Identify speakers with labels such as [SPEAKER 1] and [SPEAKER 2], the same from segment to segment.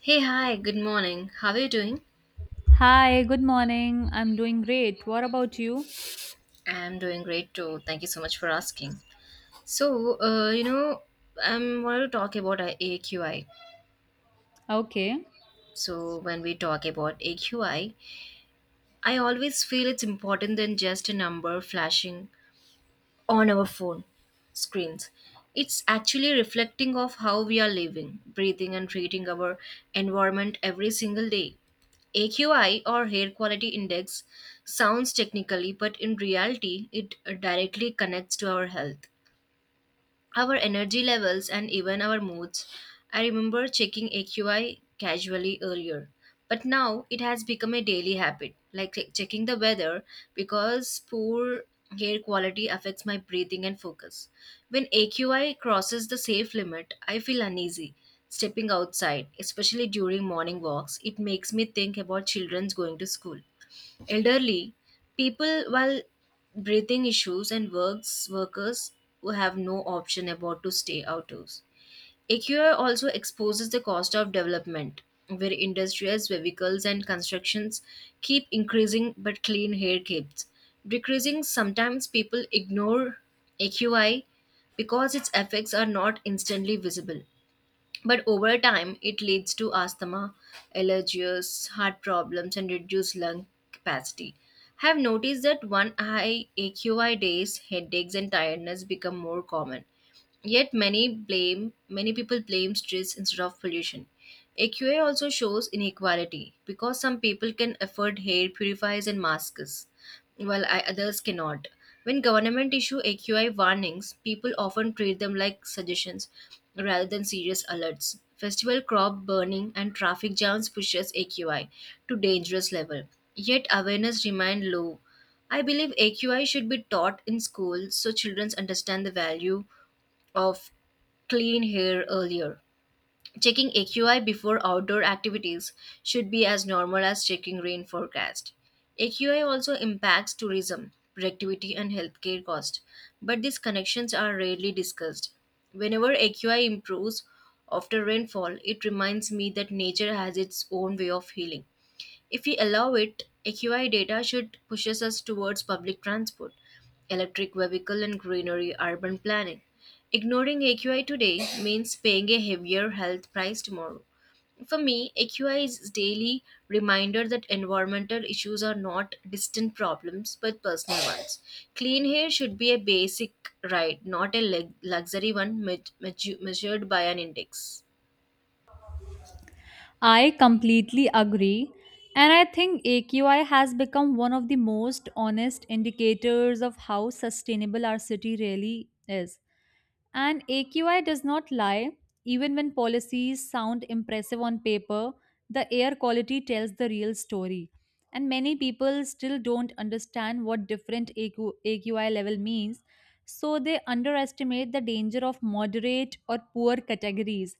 [SPEAKER 1] Hey, hi, good morning. How are you doing?
[SPEAKER 2] Hi, good morning. I'm doing great. What about you?
[SPEAKER 1] I'm doing great too. Thank you so much for asking. So, I'm wanted to talk about AQI.
[SPEAKER 2] Okay.
[SPEAKER 1] So, when we talk about AQI, I always feel it's important than just a number flashing on our phone screens. It's actually reflecting of how we are living, breathing and treating our environment every single day. AQI or hair quality index sounds technically, but in reality it directly connects to our health, our energy levels and even our moods. I remember checking AQI casually earlier, but now it has become a daily habit, like checking the weather because poor air quality affects my breathing and focus. When AQI crosses the safe limit, I feel uneasy. Stepping outside, especially during morning walks, it makes me think about children's going to school, elderly people while breathing issues and works workers who have no option about to stay outdoors. AQR also exposes the cost of development where industries, vehicles and constructions keep increasing but clean air keeps decreasing. Sometimes people ignore AQI because its effects are not instantly visible, but over time it leads to asthma, allergies, heart problems and reduced lung capacity. Have noticed that one high AQI days headaches and tiredness become more common. Yet many people blame stress instead of pollution. AQA also shows inequality because some people can afford hair purifiers and masks while others cannot. When government issue AQI warnings, people often treat them like suggestions rather than serious alerts. Festival crop burning and traffic jams pushes AQI to dangerous level. Yet awareness remain low. I believe AQI should be taught in school so children understand the value of clean hair earlier. Checking AQI before outdoor activities should be as normal as checking rain forecast. AQI also impacts tourism, productivity, and healthcare cost, but these connections are rarely discussed. Whenever AQI improves after rainfall, it reminds me that nature has its own way of healing. If we allow it, AQI data should pushes us towards public transport, electric vehicle and greenery urban planning. Ignoring AQI today means paying a heavier health price tomorrow. For me, AQI is daily reminder that environmental issues are not distant problems but personal ones. Clean air should be a basic right, not a luxury one measured by an index.
[SPEAKER 2] I completely agree. And I think AQI has become one of the most honest indicators of how sustainable our city really is. And AQI does not lie. Even when policies sound impressive on paper, the air quality tells the real story. And many people still don't understand what different AQI level means, so they underestimate the danger of moderate or poor categories.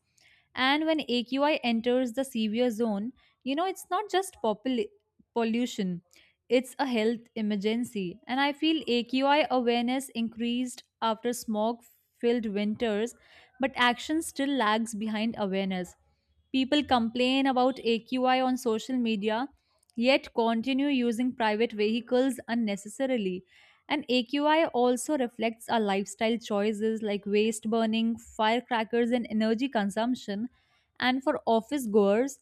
[SPEAKER 2] And when AQI enters the severe zone, it's not just pollution, it's a health emergency. And I feel AQI awareness increased after smog filled winters, but action still lags behind awareness. People complain about AQI on social media, yet continue using private vehicles unnecessarily. And AQI also reflects our lifestyle choices like waste burning, firecrackers, and energy consumption. And for office goers,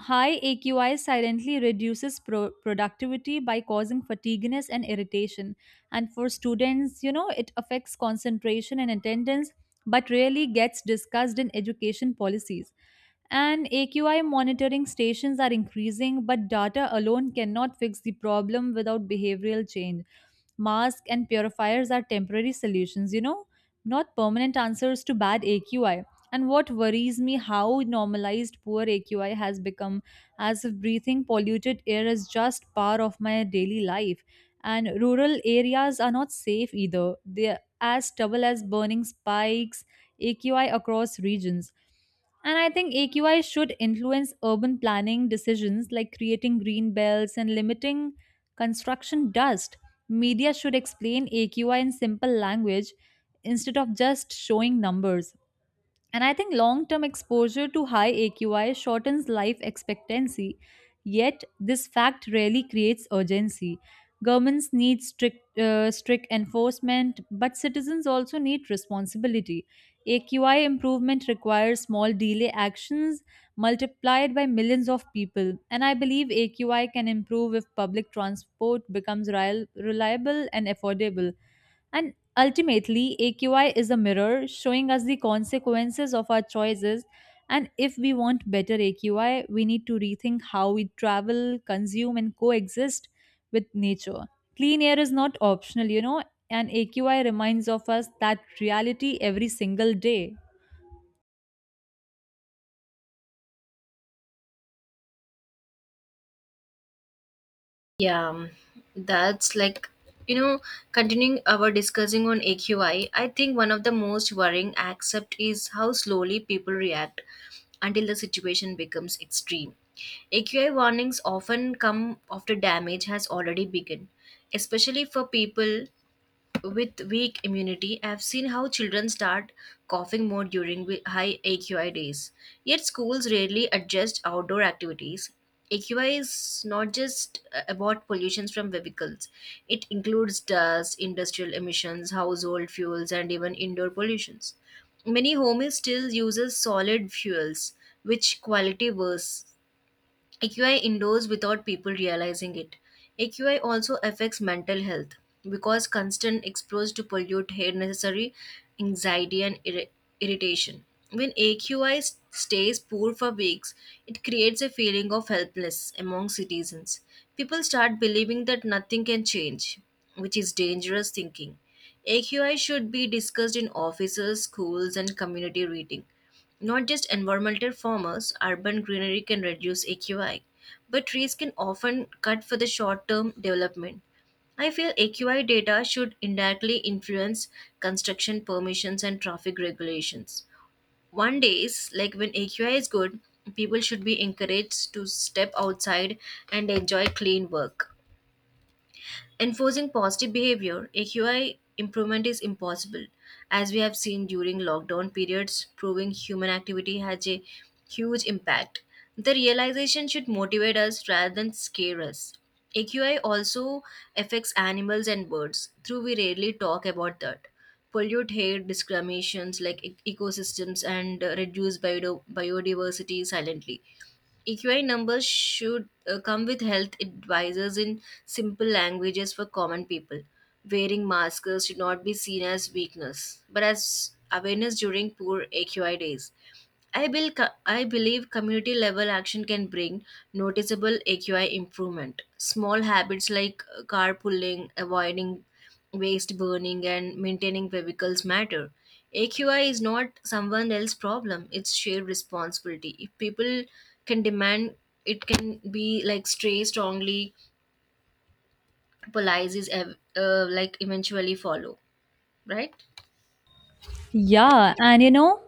[SPEAKER 2] high AQI silently reduces productivity by causing fatigueness and irritation. And for students, it affects concentration and attendance, but rarely gets discussed in education policies. And AQI monitoring stations are increasing, but data alone cannot fix the problem without behavioral change. Masks and purifiers are temporary solutions, not permanent answers to bad AQI. And what worries me how normalized poor AQI has become, as if breathing polluted air is just part of my daily life. And rural areas are not safe either. They're as stubble as burning spikes, AQI across regions. And I think AQI should influence urban planning decisions like creating green belts and limiting construction dust. Media should explain AQI in simple language instead of just showing numbers. And I think long term exposure to high AQI shortens life expectancy, yet this fact rarely creates urgency. Governments need strict enforcement, but citizens also need responsibility. AQI improvement requires small delay actions multiplied by millions of people, and I believe AQI can improve if public transport becomes reliable and affordable. And ultimately, AQI is a mirror showing us the consequences of our choices. And if we want better AQI, we need to rethink how we travel, consume, and coexist with nature. Clean air, is not optional, you know, and AQI reminds of us that reality every single day.
[SPEAKER 1] Yeah, that's like, you know, continuing our discussing on AQI, I think one of the most worrying aspect is how slowly people react until the situation becomes extreme. AQI warnings often come after damage has already begun, especially for people with weak immunity. I've seen how children start coughing more during high AQI days. Yet schools rarely adjust outdoor activities. AQI is not just about pollutions from vehicles. It includes dust, industrial emissions, household fuels, and even indoor pollutions. Many homes still uses solid fuels, which quality worse AQI indoors without people realizing it. AQI also affects mental health because constant exposure to pollute air necessary anxiety and irritation. When AQI stays poor for weeks, it creates a feeling of helplessness among citizens. People start believing that nothing can change, which is dangerous thinking. AQI should be discussed in offices, schools, and community reading. Not just environmental farmers, urban greenery can reduce AQI, but trees can often cut for the short term development. I feel AQI data should indirectly influence construction permissions and traffic regulations. One day is like when AQI is good, people should be encouraged to step outside and enjoy clean work. Enforcing positive behavior, AQI improvement is impossible, as we have seen during lockdown periods, proving human activity has a huge impact. The realization should motivate us rather than scare us. AQI also affects animals and birds, though we rarely talk about that. Pollute air, discriminations like ecosystems, and reduce biodiversity silently. EQI numbers should come with health advisors in simple languages for common people. Wearing masks should not be seen as weakness, but as awareness during poor AQI days. I, bill, I believe community level action can bring noticeable AQI improvement. Small habits like carpooling, avoiding waste burning, and maintaining vehicles matter. AQI is not someone else's problem, it's shared responsibility. If people can demand, it can be like stray strongly, policies like eventually follow, right?
[SPEAKER 2] Yeah, and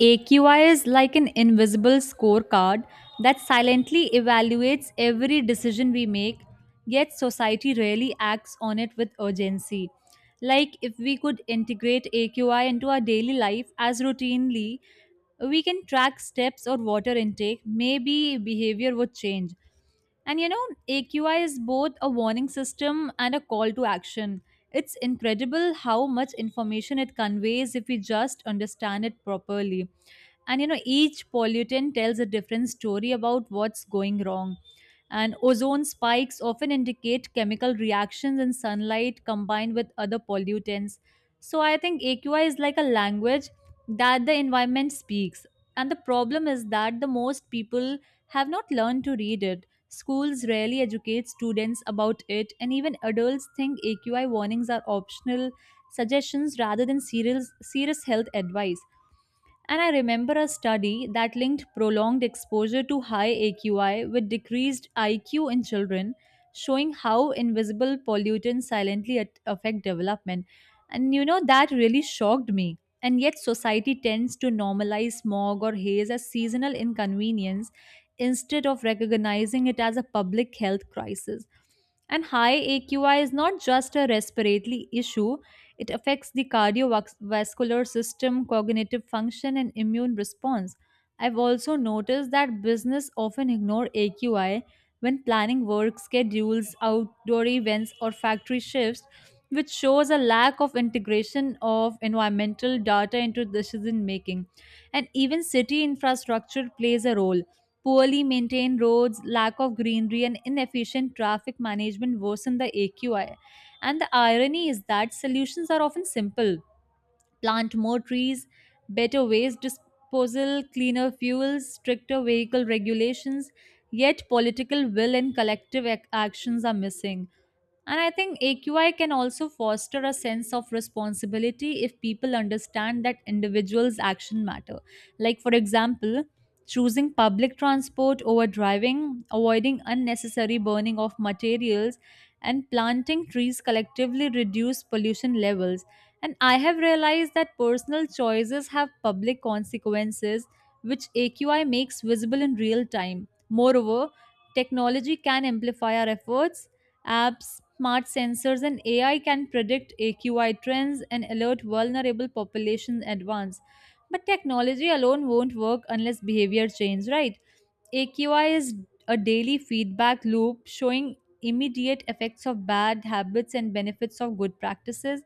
[SPEAKER 2] AQI is like an invisible scorecard that silently evaluates every decision we make, yet society rarely acts on it with urgency. Like, if we could integrate AQI into our daily life as routinely, we can track steps or water intake, maybe behavior would change. And AQI is both a warning system and a call to action. It's incredible how much information it conveys if we just understand it properly, and each pollutant tells a different story about what's going wrong. And ozone spikes often indicate chemical reactions in sunlight combined with other pollutants. So I think AQI is like a language that the environment speaks, and the problem is that the most people have not learned to read it. Schools rarely educate students about it, and even adults think AQI warnings are optional suggestions rather than serious health advice. And I remember a study that linked prolonged exposure to high AQI with decreased IQ in children, showing how invisible pollutants silently affect development. And that really shocked me. And yet, society tends to normalize smog or haze as seasonal inconvenience instead of recognizing it as a public health crisis. And high AQI is not just a respiratory issue, it affects the cardiovascular system, cognitive function, and immune response. I've also noticed that business often ignore AQI when planning work schedules, outdoor events, or factory shifts, which shows a lack of integration of environmental data into decision making. And even city infrastructure plays a role. Poorly maintained roads, lack of greenery, and inefficient traffic management worsen the AQI. And the irony is that solutions are often simple: plant more trees, better waste disposal, cleaner fuels, stricter vehicle regulations, yet political will and collective actions are missing. And I think AQI can also foster a sense of responsibility if people understand that individuals' action matter. Like, for example, choosing public transport over driving, avoiding unnecessary burning of materials, and planting trees collectively reduce pollution levels. And I have realized that personal choices have public consequences, which AQI makes visible in real time. Moreover, technology can amplify our efforts. Apps, smart sensors, and AI can predict AQI trends and alert vulnerable populations in advance. But technology alone won't work unless behavior change, right? AQI is a daily feedback loop showing immediate effects of bad habits and benefits of good practices.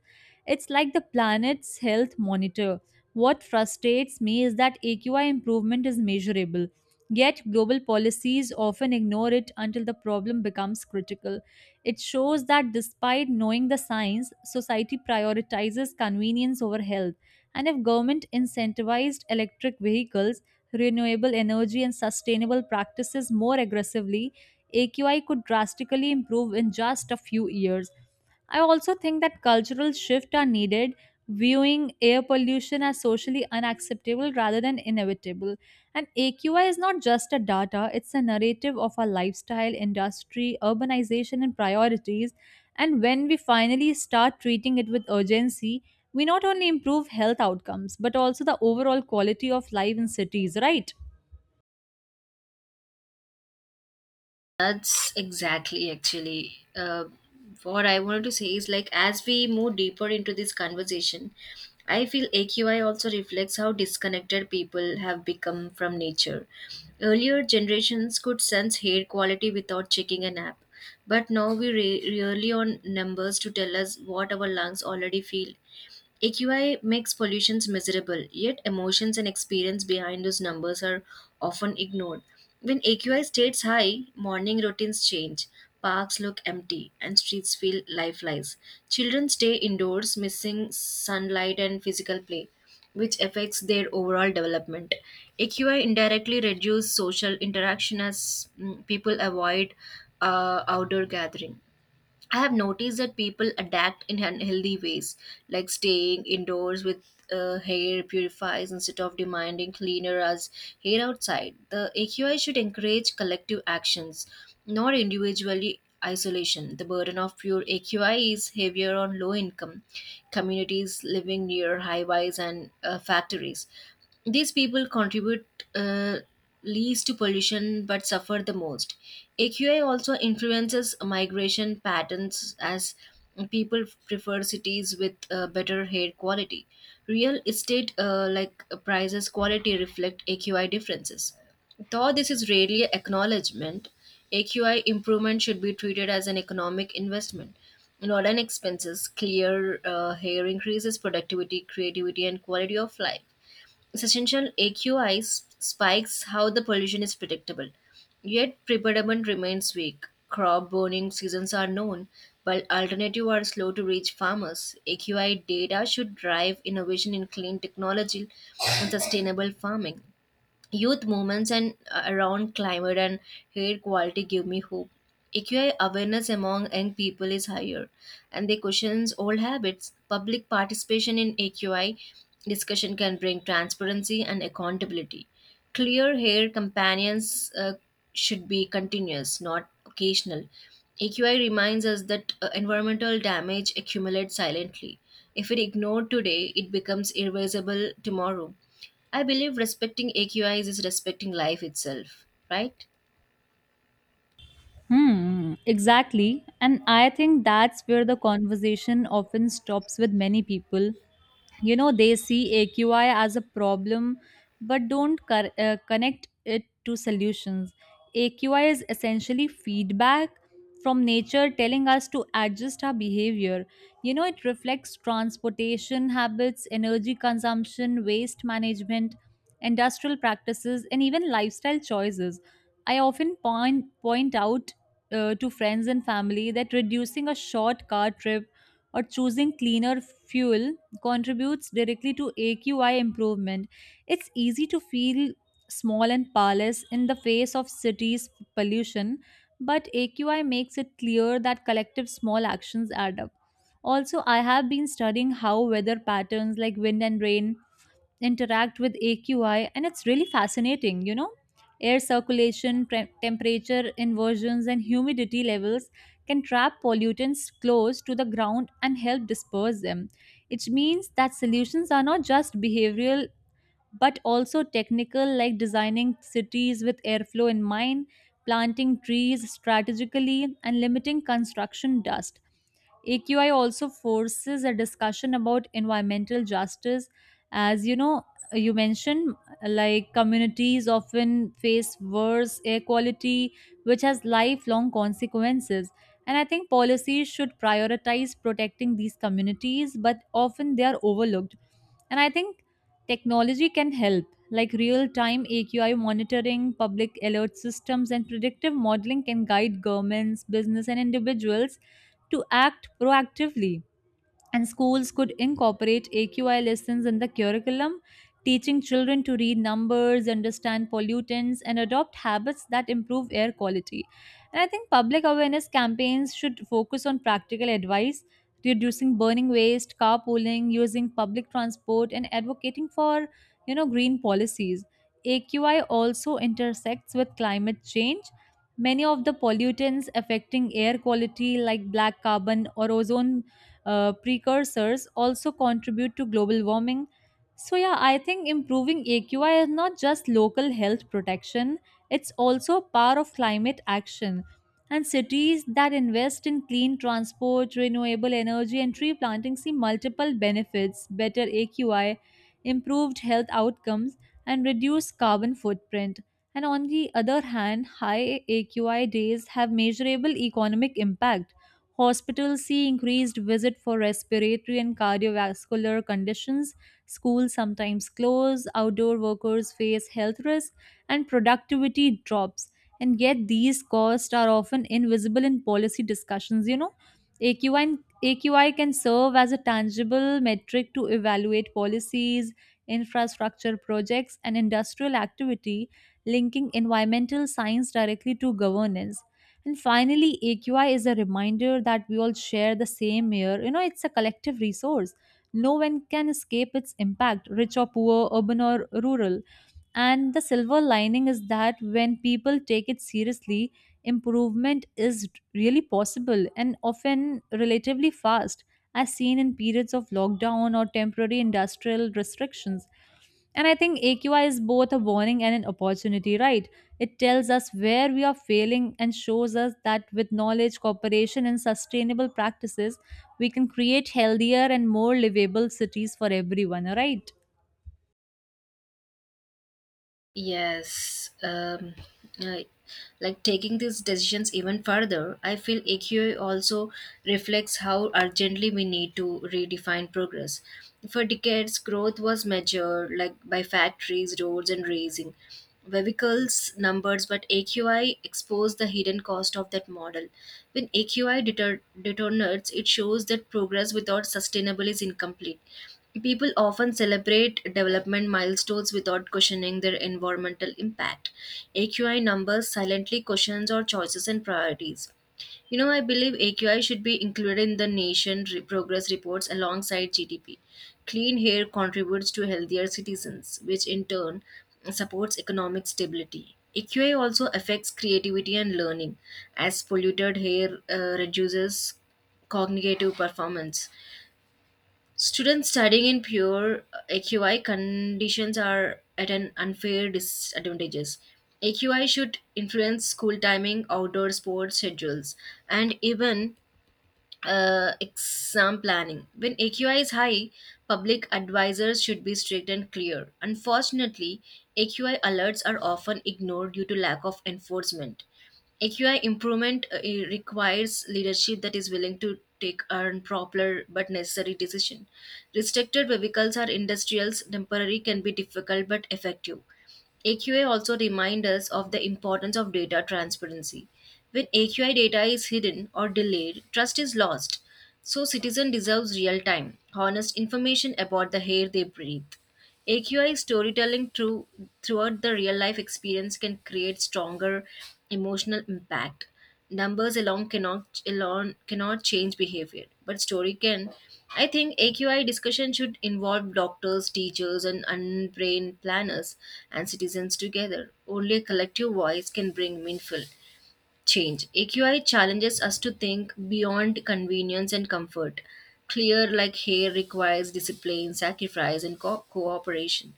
[SPEAKER 2] It's like the planet's health monitor. What frustrates me is that AQI improvement is measurable, yet global policies often ignore it until the problem becomes critical. It shows that despite knowing the science, society prioritizes convenience over health. And if government incentivized electric vehicles, renewable energy and sustainable practices more aggressively, AQI could drastically improve in just a few years. I also think that cultural shifts are needed, viewing air pollution as socially unacceptable rather than inevitable. And AQI is not just a data, it's a narrative of our lifestyle, industry, urbanization, and priorities. And when we finally start treating it with urgency, we not only improve health outcomes, but also the overall quality of life in cities, right?
[SPEAKER 1] That's exactly actually what I wanted to say is like as we move deeper into this conversation, I feel AQI also reflects how disconnected people have become from nature. Earlier generations could sense air quality without checking an app, but now we rely on numbers to tell us what our lungs already feel. AQI makes pollutions miserable, yet emotions and experience behind those numbers are often ignored. When AQI stays high, morning routines change, parks look empty, and streets feel lifeless. Children stay indoors, missing sunlight and physical play, which affects their overall development. AQI indirectly reduces social interaction as people avoid outdoor gathering. I have noticed that people adapt in unhealthy ways, like staying indoors with hair purifiers instead of demanding cleaner as hair outside. The AQI should encourage collective actions, not individually isolation. The burden of pure AQI is heavier on low income communities living near highways and factories. These people contribute uh, least to pollution but suffer the most. AQI also influences migration patterns as people prefer cities with better air quality. Real estate like prices quality reflect AQI differences. Though this is rarely acknowledgement, AQI improvement should be treated as an economic investment. Not an expenses, clear hair increases productivity, creativity, and quality of life. Essential AQI spikes how the pollution is predictable, yet pre-predicament remains weak. Crop burning seasons are known, while alternatives are slow to reach farmers. AQI data should drive innovation in clean technology and sustainable farming. Youth movements and around climate and air quality give me hope. AQI awareness among young people is higher, and they questions old habits. Public participation in AQI discussion can bring transparency and accountability. Clear hair companions should be continuous, not occasional. AQI reminds us that environmental damage accumulates silently. If it ignored today, it becomes irreversible tomorrow. I believe respecting AQIs is respecting life itself, right?
[SPEAKER 2] Hmm, exactly. And I think that's where the conversation often stops with many people. You know, they see AQI as a problem but don't connect it to solutions. AQI is essentially feedback from nature telling us to adjust our behavior. You know, it reflects transportation habits, energy consumption, waste management, industrial practices, and even lifestyle choices. I often point out to friends and family that reducing a short car trip or choosing cleaner fuel contributes directly to AQI improvement. It's easy to feel small and powerless in the face of cities' pollution, but AQI makes it clear that collective small actions add up. Also, I have been studying how weather patterns like wind and rain interact with AQI, and it's really fascinating. Air circulation, temperature inversions, and humidity levels can trap pollutants close to the ground and help disperse them. It means that solutions are not just behavioral but also technical, like designing cities with airflow in mind, planting trees strategically, and limiting construction dust. AQI also forces a discussion about environmental justice. As you know, you mentioned, like communities often face worse air quality, which has lifelong consequences. And I think policies should prioritize protecting these communities, but often they are overlooked. And I think technology can help, like real time AQI monitoring, public alert systems, and predictive modeling can guide governments, business, and individuals to act proactively. And schools could incorporate AQI lessons in the curriculum, teaching children to read numbers, understand pollutants, and adopt habits that improve air quality. And I think public awareness campaigns should focus on practical advice: reducing burning waste, carpooling, using public transport, and advocating for green policies. AQI also intersects with climate change. Many of the pollutants affecting air quality, like black carbon or ozone precursors, also contribute to global warming. So, yeah, I think improving AQI is not just local health protection, it's also a part of climate action. And cities that invest in clean transport, renewable energy, and tree planting see multiple benefits: better AQI, improved health outcomes, and reduced carbon footprint. And on the other hand, high AQI days have measurable economic impact. Hospitals see increased visit for respiratory and cardiovascular conditions. Schools sometimes close, outdoor workers face health risk, and productivity drops. And yet, these costs are often invisible in policy discussions. You know, AQI, and- AQI can serve as a tangible metric to evaluate policies, infrastructure projects, and industrial activity, linking environmental science directly to governance. And finally, AQI is a reminder that we all share the same air. You know, it's a collective resource. No one can escape its impact, rich or poor, urban or rural. And the silver lining is that when people take it seriously, improvement is really possible and often relatively fast, as seen in periods of lockdown or temporary industrial restrictions. And I think AQI is both a warning and an opportunity, right? It tells us where we are failing and shows us that with knowledge, cooperation, and sustainable practices, we can create healthier and more livable cities for everyone, right?
[SPEAKER 1] Yes, I- like taking these decisions even further, I feel AQI also reflects how urgently we need to redefine progress. For decades, growth was measured like by factories, roads, and raising vehicles numbers, but AQI exposed the hidden cost of that model. When AQI detonates, it shows that progress without sustainable is incomplete. People often celebrate development milestones without questioning their environmental impact. AQI numbers silently questions our choices and priorities. You know, I believe AQI should be included in the nation progress reports alongside GDP. Clean air contributes to healthier citizens, which in turn supports economic stability. AQI also affects creativity and learning, as polluted air reduces cognitive performance. Students studying in pure AQI conditions are at an unfair disadvantages. AQI should influence school timing, outdoor sports schedules, and even exam planning. When AQI is high, public advisors should be strict and clear. Unfortunately, AQI alerts are often ignored due to lack of enforcement. AQI improvement it requires leadership that is willing to take unpopular but necessary decision. Restricted vehicles are industrials, temporary can be difficult but effective. AQI also reminds us of the importance of data transparency. When AQI data is hidden or delayed, trust is lost. So citizen deserves real time, honest information about the air they breathe. AQI storytelling throughout the real life experience can create stronger emotional impact. Numbers alone cannot change behavior, but story can. I think AQI discussion should involve doctors, teachers and unbrained planners and citizens together. Only a collective voice can bring meaningful change. AQI challenges us to think beyond convenience and comfort. Clear like hair requires discipline, sacrifice and cooperation.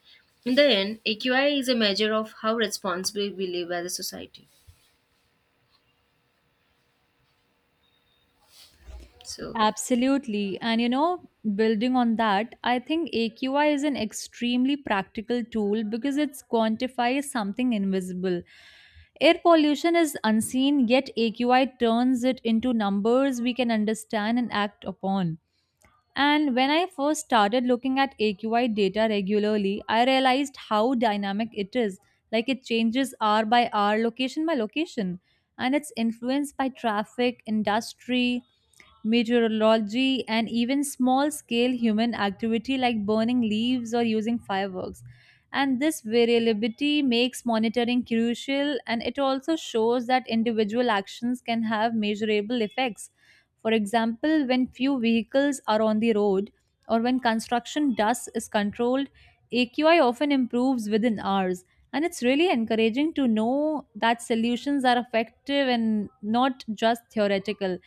[SPEAKER 1] In the end, AQI is a measure of how responsibly we live as a society. So
[SPEAKER 2] Absolutely. And building on that, I think AQI is an extremely practical tool because it quantifies something invisible. Air pollution is unseen, yet AQI turns it into numbers we can understand and act upon. And when I first started looking at AQI data regularly, I realized how dynamic it is. Like it changes hour by hour, location by location, and it's influenced by traffic, industry, meteorology, and even small scale human activity like burning leaves or using fireworks. And this variability makes monitoring crucial, and it also shows that individual actions can have measurable effects. For example, when few vehicles are on the road or when construction dust is controlled, AQI often improves within hours. And it's really encouraging to know that solutions are effective and not just theoretical.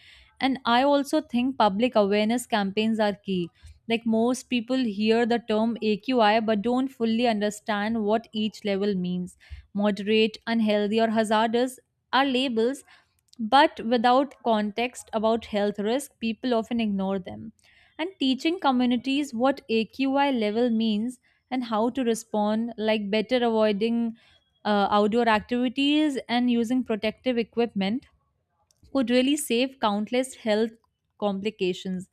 [SPEAKER 2] And I also think public awareness campaigns are key. Like, most people hear the term AQI but don't fully understand what each level means. Moderate, unhealthy, or hazardous are labels, but without context about health risk, people often ignore them. And teaching communities what AQI level means and how to respond, like better avoiding outdoor activities and using protective equipment, could really save countless health complications.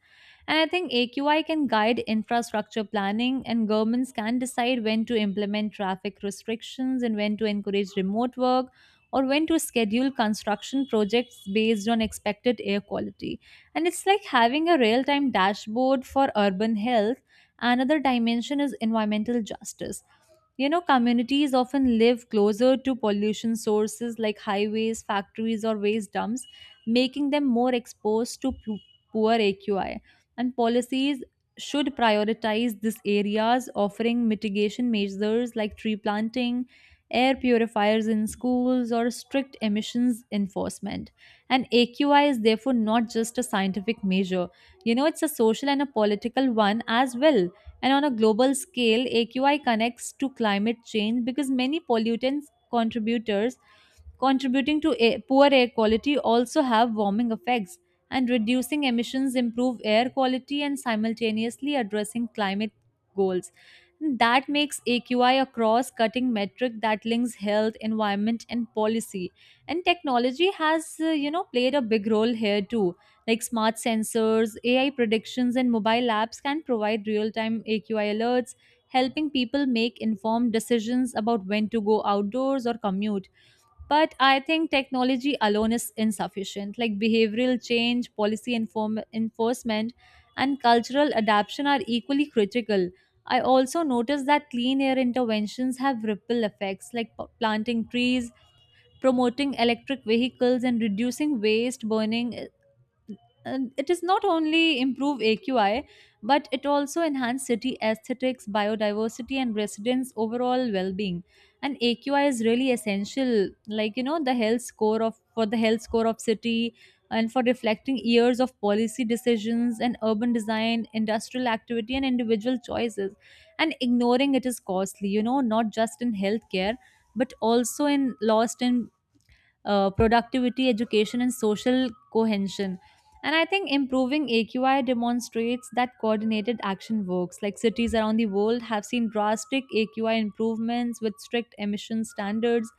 [SPEAKER 2] And I think AQI can guide infrastructure planning, and governments can decide when to implement traffic restrictions and when to encourage remote work or when to schedule construction projects based on expected air quality. And it's like having a real time dashboard for urban health. Another dimension is environmental justice. You know, communities often live closer to pollution sources like highways, factories, or waste dumps, making them more exposed to poor AQI. And policies should prioritize these areas, offering mitigation measures like tree planting, air purifiers in schools, or strict emissions enforcement. And AQI is therefore not just a scientific measure, you know, it's a social and a political one as well. And on a global scale, AQI connects to climate change because many pollutants contributors contributing to poor air quality also have warming effects, and reducing emissions improve air quality and simultaneously addressing climate goals. That makes AQI a cross-cutting metric that links health, environment, and policy. And technology has you know, played a big role here too, like smart sensors, AI predictions, and mobile apps can provide real-time AQI alerts, helping people make informed decisions about when to go outdoors or commute. But I think technology alone is insufficient. Like behavioral change, enforcement, and cultural adaptation are equally critical. I also noticed that clean air interventions have ripple effects, like planting trees, promoting electric vehicles, and reducing waste burning. It is not only improve AQI, but it also enhance city aesthetics, biodiversity, and residents overall well-being. And AQI is really essential, like, you know, the health score of for the health score of city and for reflecting years of policy decisions and urban design, industrial activity, and individual choices. And ignoring it is costly, you know, not just in healthcare but also in lost in productivity, education, and social cohesion. And I think improving AQI demonstrates that coordinated action works. Like cities around the world have seen drastic AQI improvements with strict emission standards,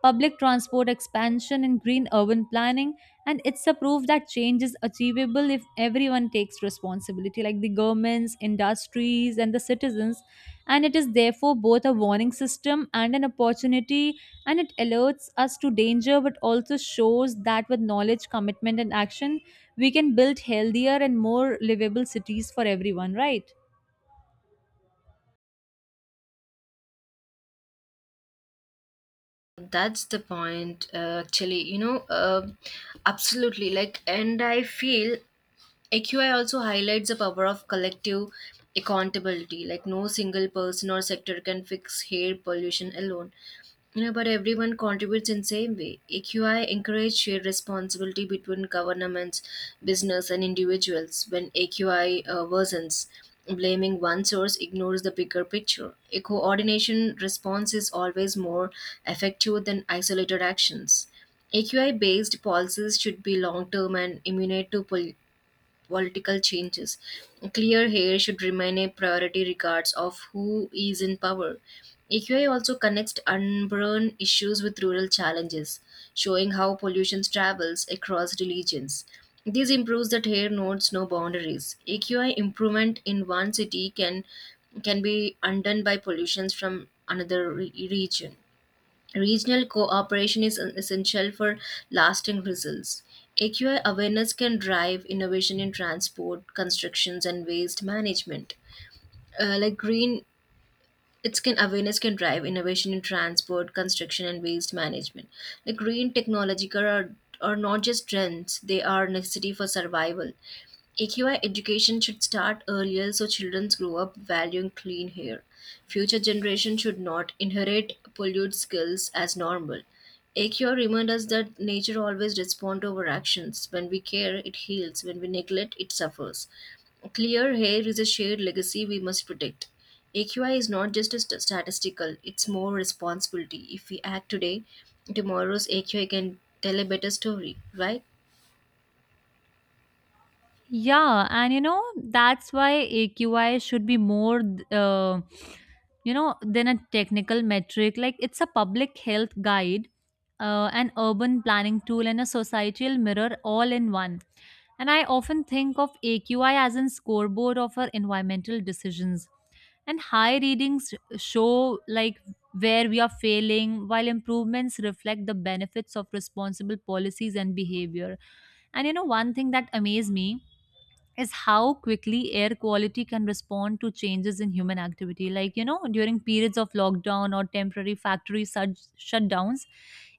[SPEAKER 2] public transport expansion, and green urban planning. And it's a proof that change is achievable if everyone takes responsibility, like the governments, industries, and the citizens. And it is therefore both a warning system and an opportunity, and it alerts us to danger but also shows that with knowledge, commitment, and action, we can build healthier and more livable cities for everyone, right?
[SPEAKER 1] that's the point, actually, you know, absolutely. Like, and I feel AQI also highlights the power of collective accountability. Like no single person or sector can fix air pollution alone. You know, but everyone contributes in same way. AQI encourages shared responsibility between governments, business, and individuals. When AQI worsens, blaming one source ignores the bigger picture. A coordination response is always more effective than isolated actions. AQI based policies should be long term and immune to political changes. Clear hair should remain a priority regardless of who is in power. AQI also connects urban issues with rural challenges, showing how pollution travels across religions. This improves that hair notes no boundaries. AQI improvement in one city can be undone by pollutions from another region. Regional cooperation is essential for lasting results. AQI awareness can drive innovation in transport, constructions, and waste management. Like green, its can awareness can drive innovation in transport, construction, and waste management. Like green technology are not just trends; they are necessity for survival. AQI education should start earlier so children grow up valuing clean air. Future generations should not inherit polluted skills as normal. AQI reminds us that nature always responds to our actions. When we care, it heals. When we neglect, it suffers. Clear hair is a shared legacy we must protect. AQI is not just a statistical, it's more responsibility. If we act today, tomorrow's AQI can tell a better story, right?
[SPEAKER 2] Yeah, and you know, that's why AQI should be more, uh, you know, than a technical metric. Like, it's a public health guide, an urban planning tool, and a societal mirror all in one. And I often think of AQI as a scoreboard of our environmental decisions. And high readings show like where we are failing, while improvements reflect the benefits of responsible policies and behavior. And, you know, one thing that amazed me is how quickly air quality can respond to changes in human activity. Like, you know, during periods of lockdown or temporary factory such shutdowns,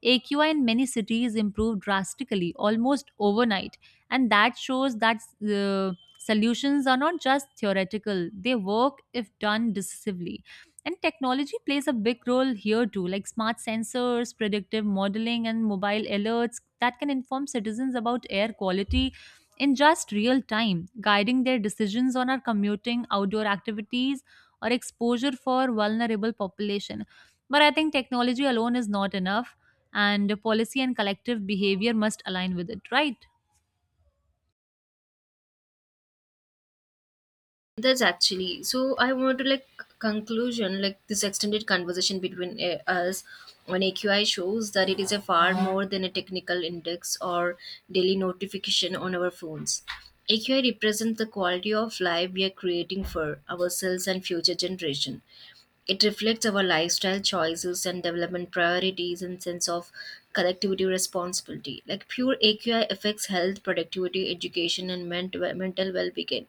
[SPEAKER 2] AQI in many cities improved drastically, almost overnight. And that shows that uh, solutions are not just theoretical, they work if done decisively. And technology plays a big role here too, like smart sensors, predictive modeling, and mobile alerts that can inform citizens about air quality in just real time, guiding their decisions on our commuting, outdoor activities, or exposure for vulnerable population. But I think technology alone is not enough, and policy and collective behavior must align with it, right?
[SPEAKER 1] That's actually so. I want to like conclusion like this extended conversation between us on AQI shows that it is a far more than a technical index or daily notification on our phones. AQI represents the quality of life we are creating for ourselves and future generation. It reflects our lifestyle choices and development priorities and sense of collectivity responsibility. Like pure AQI affects health, productivity, education, and mental well-being,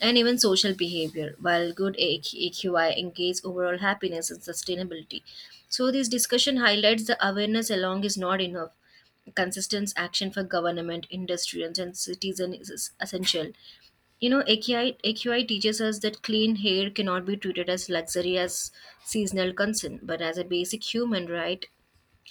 [SPEAKER 1] and even social behavior. While good AQI engages overall happiness and sustainability. So this discussion highlights the awareness alone is not enough. Consistent action for government, industry, and citizens is essential. You know, AQI AQI teaches us that clean hair cannot be treated as luxury as seasonal concern, but as a basic human right.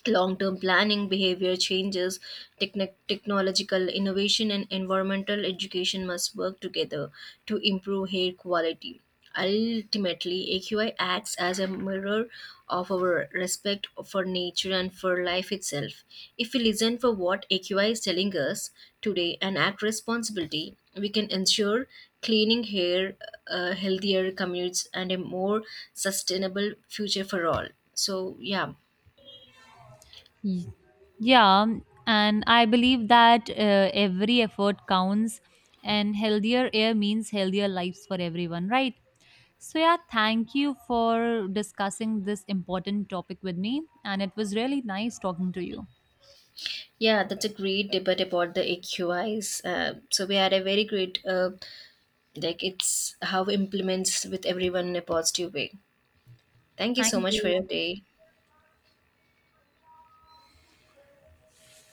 [SPEAKER 1] Long term planning, behavior changes, technic technological innovation, and environmental education must work together to improve air quality. Ultimately, AQI acts as a mirror of our respect for nature and for life itself. If we listen for what AQI is telling us today and act responsibility, we can ensure cleaning air, healthier commutes, and a more sustainable future for all. So, yeah.
[SPEAKER 2] Ye- Yeah, and I believe that every effort counts, and healthier air means healthier lives for everyone, right? So, yeah, thank you for discussing this important topic with me, and it was really nice talking to you.
[SPEAKER 1] Yeah, that's a great debate about the AQIs. So we had a very great, like it's how implements with everyone in a positive way. Thank you so
[SPEAKER 2] Thank
[SPEAKER 1] much for your
[SPEAKER 2] you.
[SPEAKER 1] day.